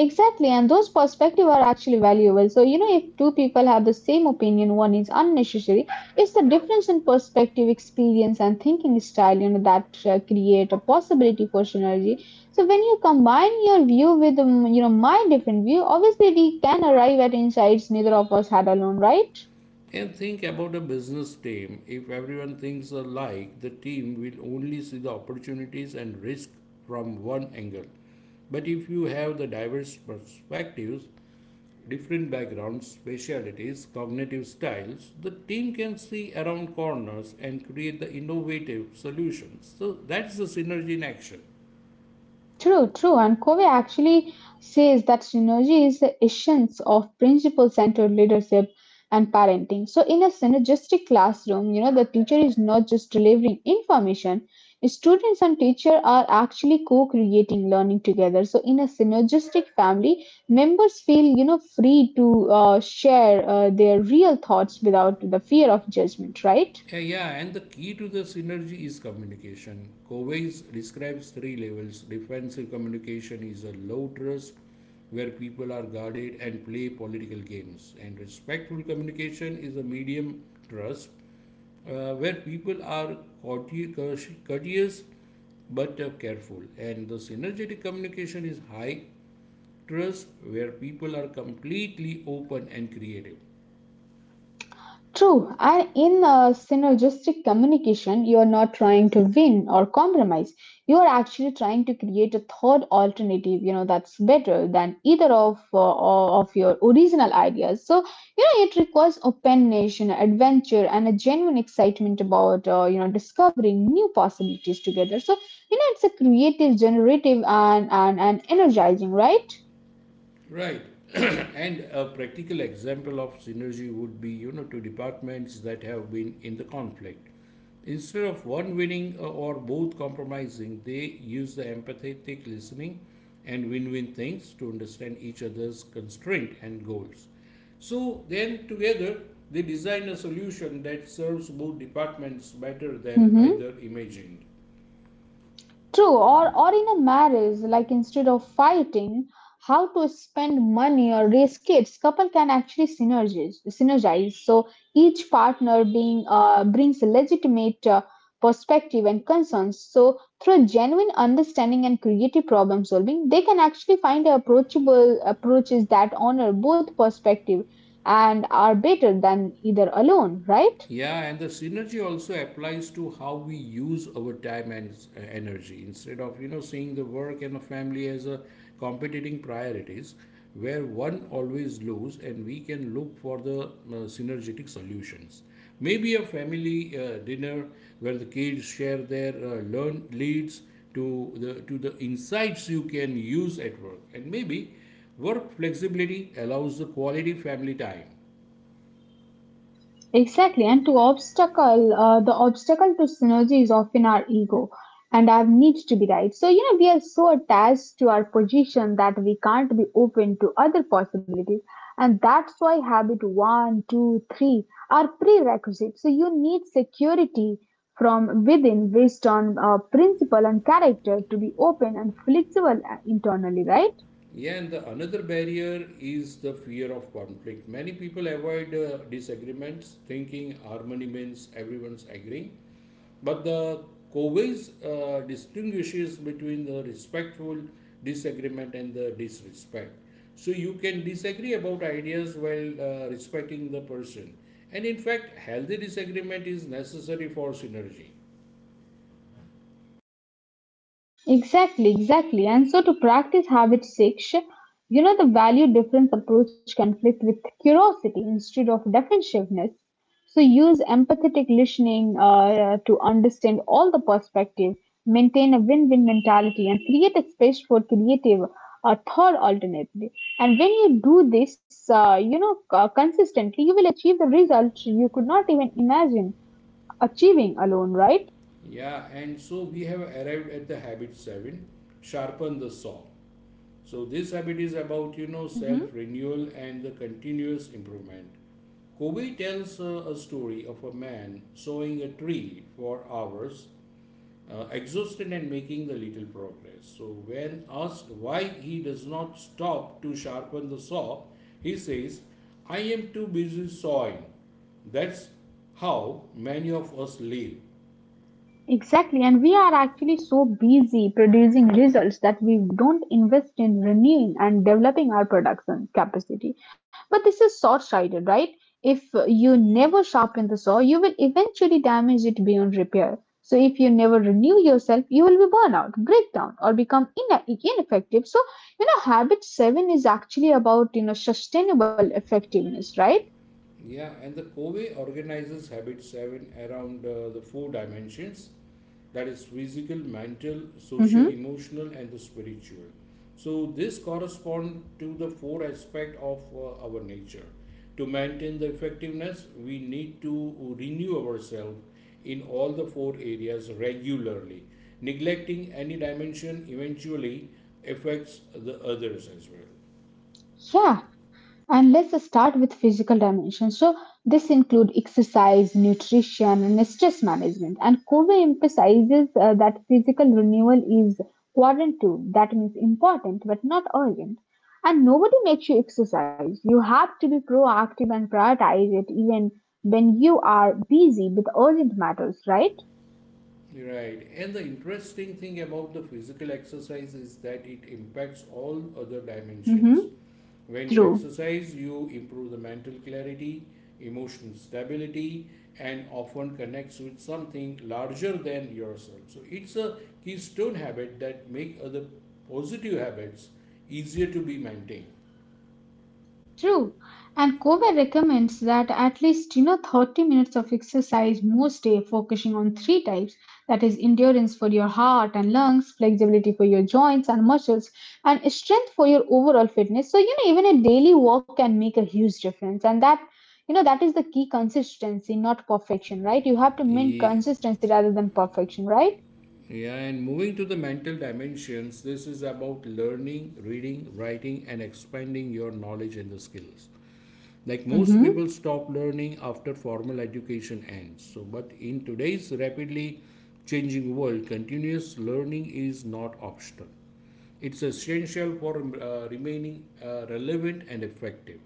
Exactly, and those perspectives are actually valuable. So, you know, if two people have the same opinion, one is unnecessary. It's the difference in perspective, experience, and thinking style, you know, that create a possibility for synergy. So, when you combine your view with, you know, my different view, obviously we can arrive at insights neither of us had alone, right? And think about a business team. If everyone thinks alike, the team will only see the opportunities and risk from one angle. But if you have the diverse perspectives, different backgrounds, specialities, cognitive styles, the team can see around corners and create the innovative solutions. So that's the synergy in action. True, true. And Covey actually says that synergy is the essence of principle centered leadership and parenting. So, in a synergistic classroom, you know, the teacher is not just delivering information, students and teacher are actually co creating learning together. So, in a synergistic family, members feel, you know, free to share their real thoughts without the fear of judgment, right? Yeah, and the key to the synergy is communication. Covey's describes three levels. Defensive communication is a low trust where people are guarded and play political games, and respectful communication is a medium trust where people are courteous but careful, and the synergetic communication is high trust where people are completely open and creative. True, and in a synergistic communication, you are not trying to win or compromise. You are actually trying to create a third alternative, you know, that's better than either of or of your original ideas. So, you know, it requires openness, you know, adventure, and a genuine excitement about, you know, discovering new possibilities together. So, you know, it's a creative, generative, and energizing, right? Right. And a practical example of synergy would be, you know, two departments that have been in the conflict. Instead of one winning or both compromising, they use the empathetic listening and win win things to understand each other's constraint and goals. So then together they design a solution that serves both departments better than Mm-hmm. either imagined. True, or in a marriage, like instead of fighting, how to spend money or raise kids, couple can actually synergize. So each partner being brings legitimate perspective and concerns. So through genuine understanding and creative problem solving, they can actually find approachable approaches that honor both perspective and are better than either alone, right? Yeah, and the synergy also applies to how we use our time and energy. Instead of, you know, seeing the work and the family as a competing priorities, where one always lose and we can look for the synergetic solutions. Maybe a family dinner where the kids share their learn leads to to the insights you can use at work, and maybe work flexibility allows the quality family time. Exactly, and to obstacle, the obstacle to synergy is often our ego and our needs to be right. So, you know, we are so attached to our position that we can't be open to other possibilities. And that's why habit one, two, three are prerequisites. So, you need security from within based on principle and character to be open and flexible internally, right? Yeah, and the another barrier is the fear of conflict. Many people avoid disagreements, thinking harmony means everyone's agreeing. But the Covey's distinguishes between the respectful disagreement and the disrespect. So you can disagree about ideas while respecting the person. And in fact, healthy disagreement is necessary for synergy. Exactly, exactly. And so to practice habit six, you know, the value difference approach conflict with curiosity instead of defensiveness. So use empathetic listening to understand all the perspective, maintain a win-win mentality, and create a space for creative or thought alternative. And when you do this, consistently, you will achieve the results you could not even imagine achieving alone, right? Yeah, and so we have arrived at the habit seven, sharpen the saw. So this habit is about Mhm. self renewal and the continuous improvement. Kobe tells a story of a man sawing a tree for hours, exhausted and making the little progress. So when asked why he does not stop to sharpen the saw, he says, "I am too busy sawing." That's how many of us live. Exactly, and we are actually so busy producing results that we don't invest in renewing and developing our production capacity. But this is short sighted, right? If you never sharpen the saw, you will eventually damage it beyond repair. So, if you never renew yourself, you will be burnout, breakdown, or become ineffective. So, you know, habit seven is actually about you know sustainable effectiveness, right? Yeah, and the Covey organizes habits seven around the four dimensions, that is, physical, mental, social, Hmm. emotional, and the spiritual. So, this correspond to the four aspect of our nature. To maintain the effectiveness, we need to renew ourselves in all the four areas regularly. Neglecting any dimension eventually affects the others as well. Yeah, and let's start with physical dimension. So this include exercise, nutrition, and stress management. And Kobe emphasizes that physical renewal is quadrant two. That means important, but not urgent. And nobody makes you exercise. You have to be proactive and prioritize it even when you are busy with urgent matters, right? Right. And the interesting thing about the physical exercise is that it impacts all other Mm-hmm. dimensions. When you True. exercise, you improve the mental clarity, emotional stability, and often connects with something larger than yourself. So it's a keystone habit that make other positive habits easier to be maintained. True. And Kober recommends that at least you know 30 minutes of exercise most day focusing on three types that is endurance for your heart and lungs, flexibility for your joints and muscles, and strength for your overall fitness. So you know even a daily walk can make a huge difference and that you know that is the key consistency not perfection, right? You have to mean Ye- consistency rather than perfection, right? Yeah, and moving to the mental dimensions, this is about learning, reading, writing, and expanding your knowledge and the skills. Like most Mhm. people stop learning after formal education ends, so but in today's rapidly changing world, continuous learning is not optional, it's essential for remaining relevant and effective.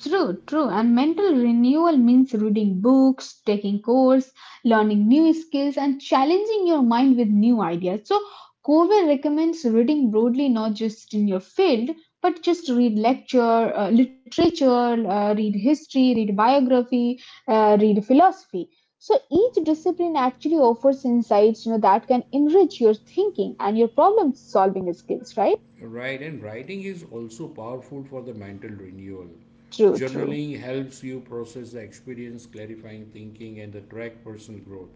True, true. And mental renewal means reading books, taking course, learning new skills, and challenging your mind with new ideas. So, Covey recommends reading broadly, not just in your field, but just read lecture, literature, read history, read biography, read philosophy. So each discipline actually offers insights, you know, that can enrich your thinking and your problem solving skills, right? Right, and writing is also powerful for the mental renewal. True, true. Journaling helps you process the experience, clarifying thinking, and the track personal growth.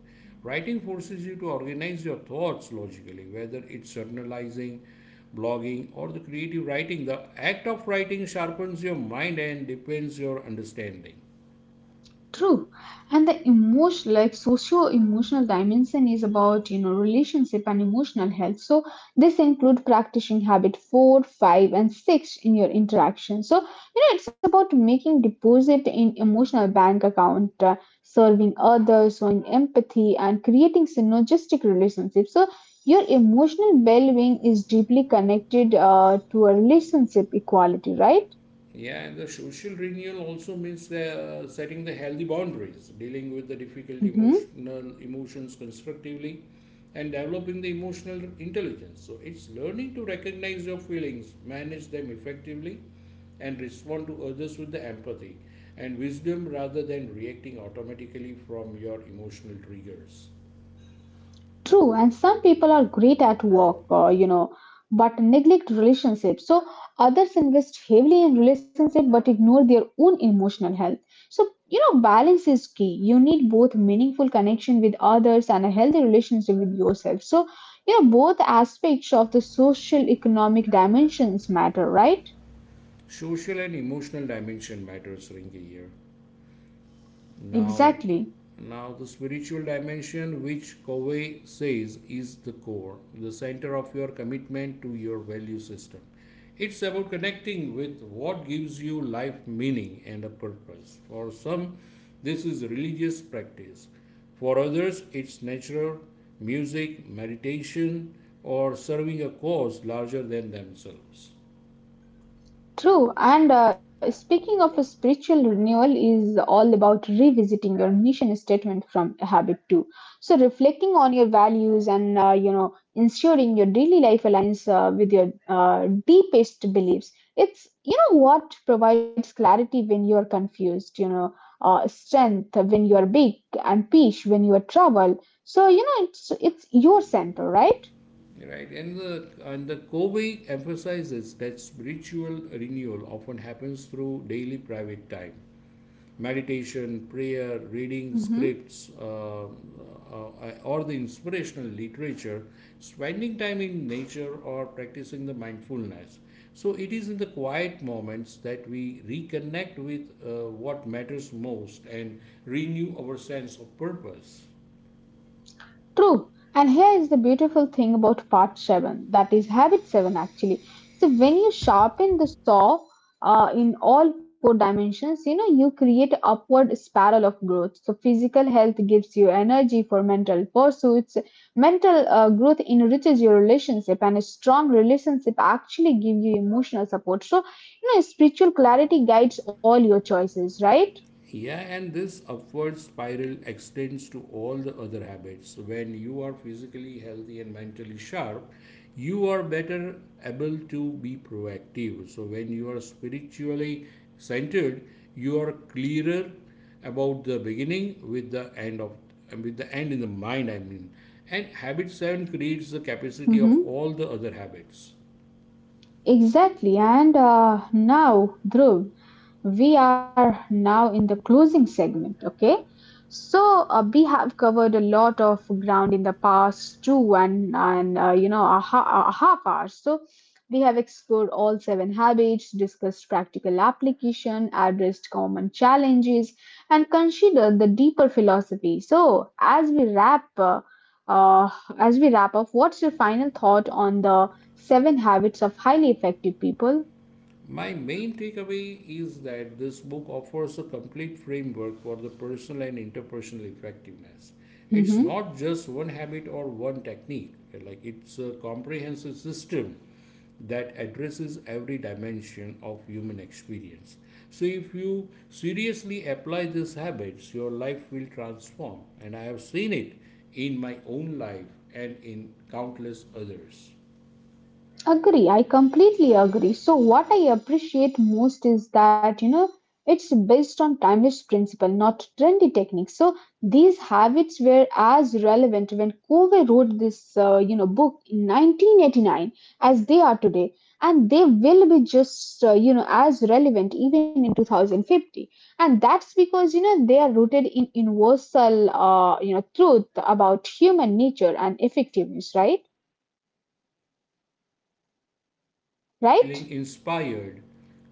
Writing forces you to organize your thoughts logically, whether it's journalizing, blogging, or the creative writing. The act of writing sharpens your mind and deepens your understanding. True. And the emotion, like socio-emotional dimension is about, you know, relationship and emotional health. So this include practicing habit four, five, and six in your interaction. So, you know, it's about making deposit in emotional bank account, serving others, showing empathy, and creating synergistic relationships. So your emotional well-being is deeply connected to a relationship equality, right? Yeah, and the social renewal also means the, setting the healthy boundaries, dealing with the difficult Mm-hmm. Emotions constructively, and developing the emotional intelligence. So it's learning to recognize your feelings, manage them effectively, and respond to others with the empathy and wisdom rather than reacting automatically from your emotional triggers. True, and some people are great at work, you know, but neglect relationships. So others invest heavily in relationship but ignore their own emotional health. So you know, balance is key. You need both meaningful connection with others and a healthy relationship with yourself. So you know, both aspects of the social economic dimensions matter, right? Social and emotional dimension matters, Rinki, here. Now, Exactly. now the spiritual dimension, which Covey says is the core, the center of your commitment to your value system. It's about connecting with what gives you life meaning and a purpose. For some, this is religious practice. For others, it's nature, music, meditation, or serving a cause larger than themselves. True, and speaking of a spiritual renewal is all about revisiting your mission statement from a habit too. So reflecting on your values and ensuring your daily life aligns with your deepest beliefs. It's what provides clarity when you are confused. Strength when you are big and peace when you are troubled. So it's your center, right? Right, and the Kobe emphasizes that spiritual renewal often happens through daily private time, meditation, prayer, reading Mhm. scripts, or the inspirational literature, spending time in nature, or practicing the mindfulness. So it is in the quiet moments that we reconnect with what matters most and renew our sense of purpose. True. And here is the beautiful thing about part 7, that is habit 7 actually. So when you sharpen the saw in all four dimensions, you know, you create an upward spiral of growth. So physical health gives you energy for mental pursuits. Mental growth enriches your relationship and a strong relationship actually give you emotional support. So, you know, spiritual clarity guides all your choices, right? Yeah, and this upward spiral extends to all the other habits. When you are physically healthy and mentally sharp, you are better able to be proactive. So, when you are spiritually centered, you are clearer about the beginning with the end of with the end in the mind, I mean, and habit 7 creates the capacity of Mm-hmm. all the other habits. Exactly. And now, Dhruv, we are now in the closing segment. Okay. So we have covered a lot of ground in the past two and a half hours. So we have explored all seven habits, discussed practical application, addressed common challenges, and considered the deeper philosophy. So as we wrap. Uh, as we wrap up, what's your final thought on the Seven Habits of Highly Effective People. My main takeaway is that this book offers a complete framework for the personal and interpersonal effectiveness. It's Mhm. not just one habit or one technique, like it's a comprehensive system that addresses every dimension of human experience. So if you seriously apply these habits, your life will transform, and I have seen it in my own life and in countless others. Agree, I completely agree. So, what I appreciate most is that it's based on timeless principle, not trendy techniques. So, these habits were as relevant when Covey wrote this book in 1989 as they are today, and they will be just as relevant even in 2050. And that's because they are rooted in universal truth about human nature and effectiveness. Right? Are Right? feeling inspired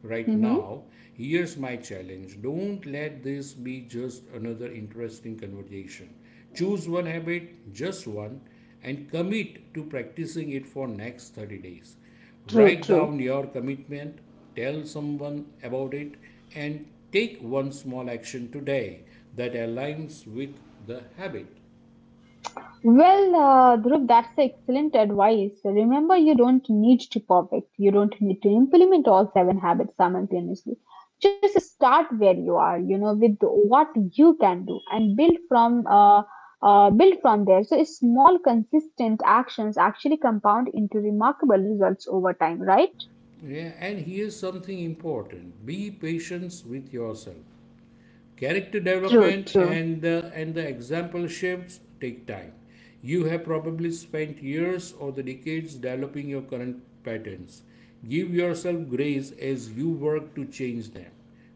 right Mm-hmm. now, here's my challenge. Don't let this be just another interesting conversation. Choose one habit, just one, and commit to practicing it for next 30 days. True. Write True. down your commitment, tell someone about it, and take one small action today that aligns with the habit. Well, Dhruv, that's excellent advice. Remember, you don't need to perfect. You don't need to implement all seven habits simultaneously. Just start where you are, you know, with what you can do and build from there. So small, consistent actions actually compound into remarkable results over time, right? Yeah, and here's something important, be patient with yourself. Character True, development true. and the exampleships take time. You have probably spent years or the decades developing your current patterns. Give yourself grace as you work to change them.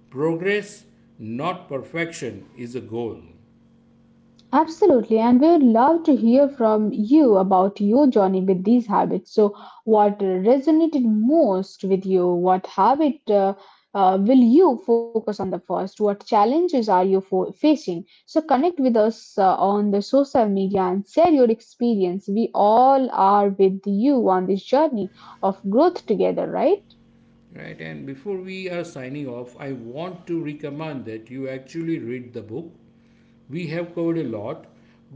Progress, not perfection, is a goal. Absolutely, and we would love to hear from you about your journey with these habits. So, what resonated most with you? What habit will you focus on the first? What challenges are you facing? So, connect with us on the social media and share your experience. We all are with you on this journey of growth together, right? Right, and before we are signing off, I want to recommend that you actually read the book. We have covered a lot,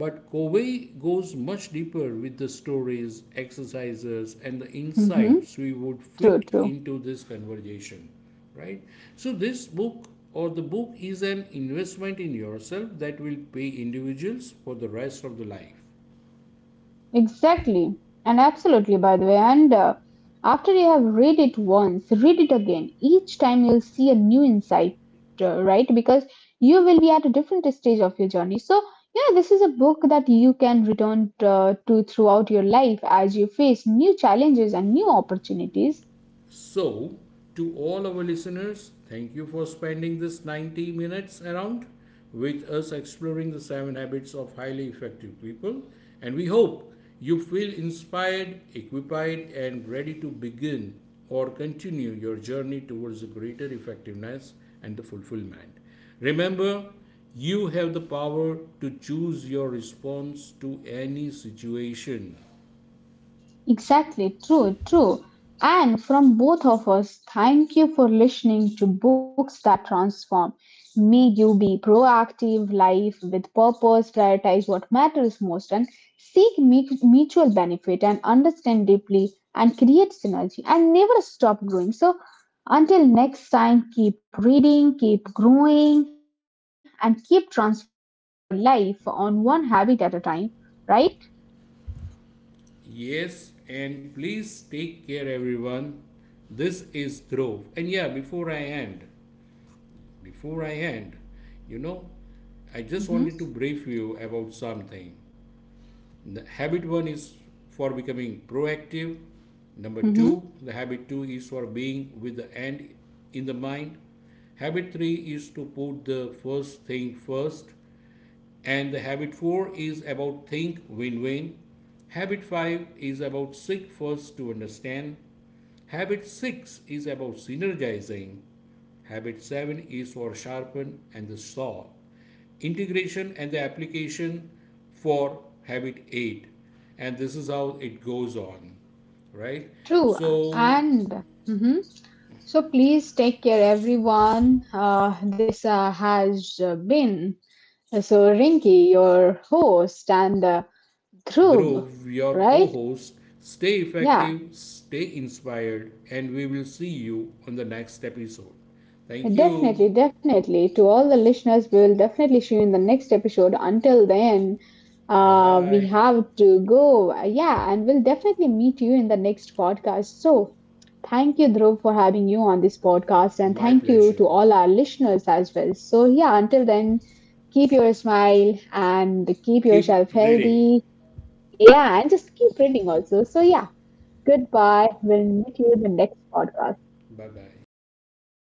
but Covey goes much deeper with the stories, exercises, and the Mm-hmm. insights we will True, fit true. into this conversation, right? So, this book or the book is an investment in yourself that will pay individuals for the rest of the life. Exactly, and absolutely, by the way. And after you have read it once, read it again. Each time you'll see a new insight, right? Because you will be at a different stage of your journey. So, you know, this is a book that you can return to throughout your life as you face new challenges and new opportunities. So, to all our listeners, thank you for spending this 90 minutes around with us exploring the seven habits of highly effective people. And we hope you feel inspired, equipped, and ready to begin or continue your journey towards greater effectiveness and the fulfillment. Remember, you have the power to choose your response to any situation. Exactly, true, true. And from both of us, thank you for listening to Books That Transform. May you be proactive, life with purpose, prioritize what matters most, and seek mutual benefit and understand deeply and create synergy and never stop growing. So, until next time, keep reading, keep growing, and keep transforming your life on one habit at a time, right? Yes, and please take care, everyone. This is Dhruv. And yeah, before I end, you know, I just Hmm. want to brief you about something. The habit one is for becoming proactive. Number Hmm. two, the habit two is for being with the end in the mind. Habit three is to put the first thing first. And the habit 4 is about think win win. Habit 5 is about seek first to understand. Habit 6 is about synergizing. Habit 7 is for sharpen and the saw. Integration and the application for habit 8. And this is how it goes on, right? True, So and mhm. So please take care, everyone. This has been so Rinky, your host, and Dhrub, Dhruv, your co right? host. Stay Yeah. effective, stay inspired, and we will see you on the next episode. Thank Definitely, you. definitely. To all the listeners, we will definitely see you in the next episode. Until then, Bye we bye. have to go. Yeah, and we'll definitely meet you in the next podcast. So, thank you, Dhruv, for having you on this podcast, and My thank you pleasure. to all our listeners as well. So, yeah, until then, keep your smile and keep Keep yourself reading. healthy. Yeah, and just keep reading also. So, yeah, goodbye. We'll meet you in the next podcast. Bye bye.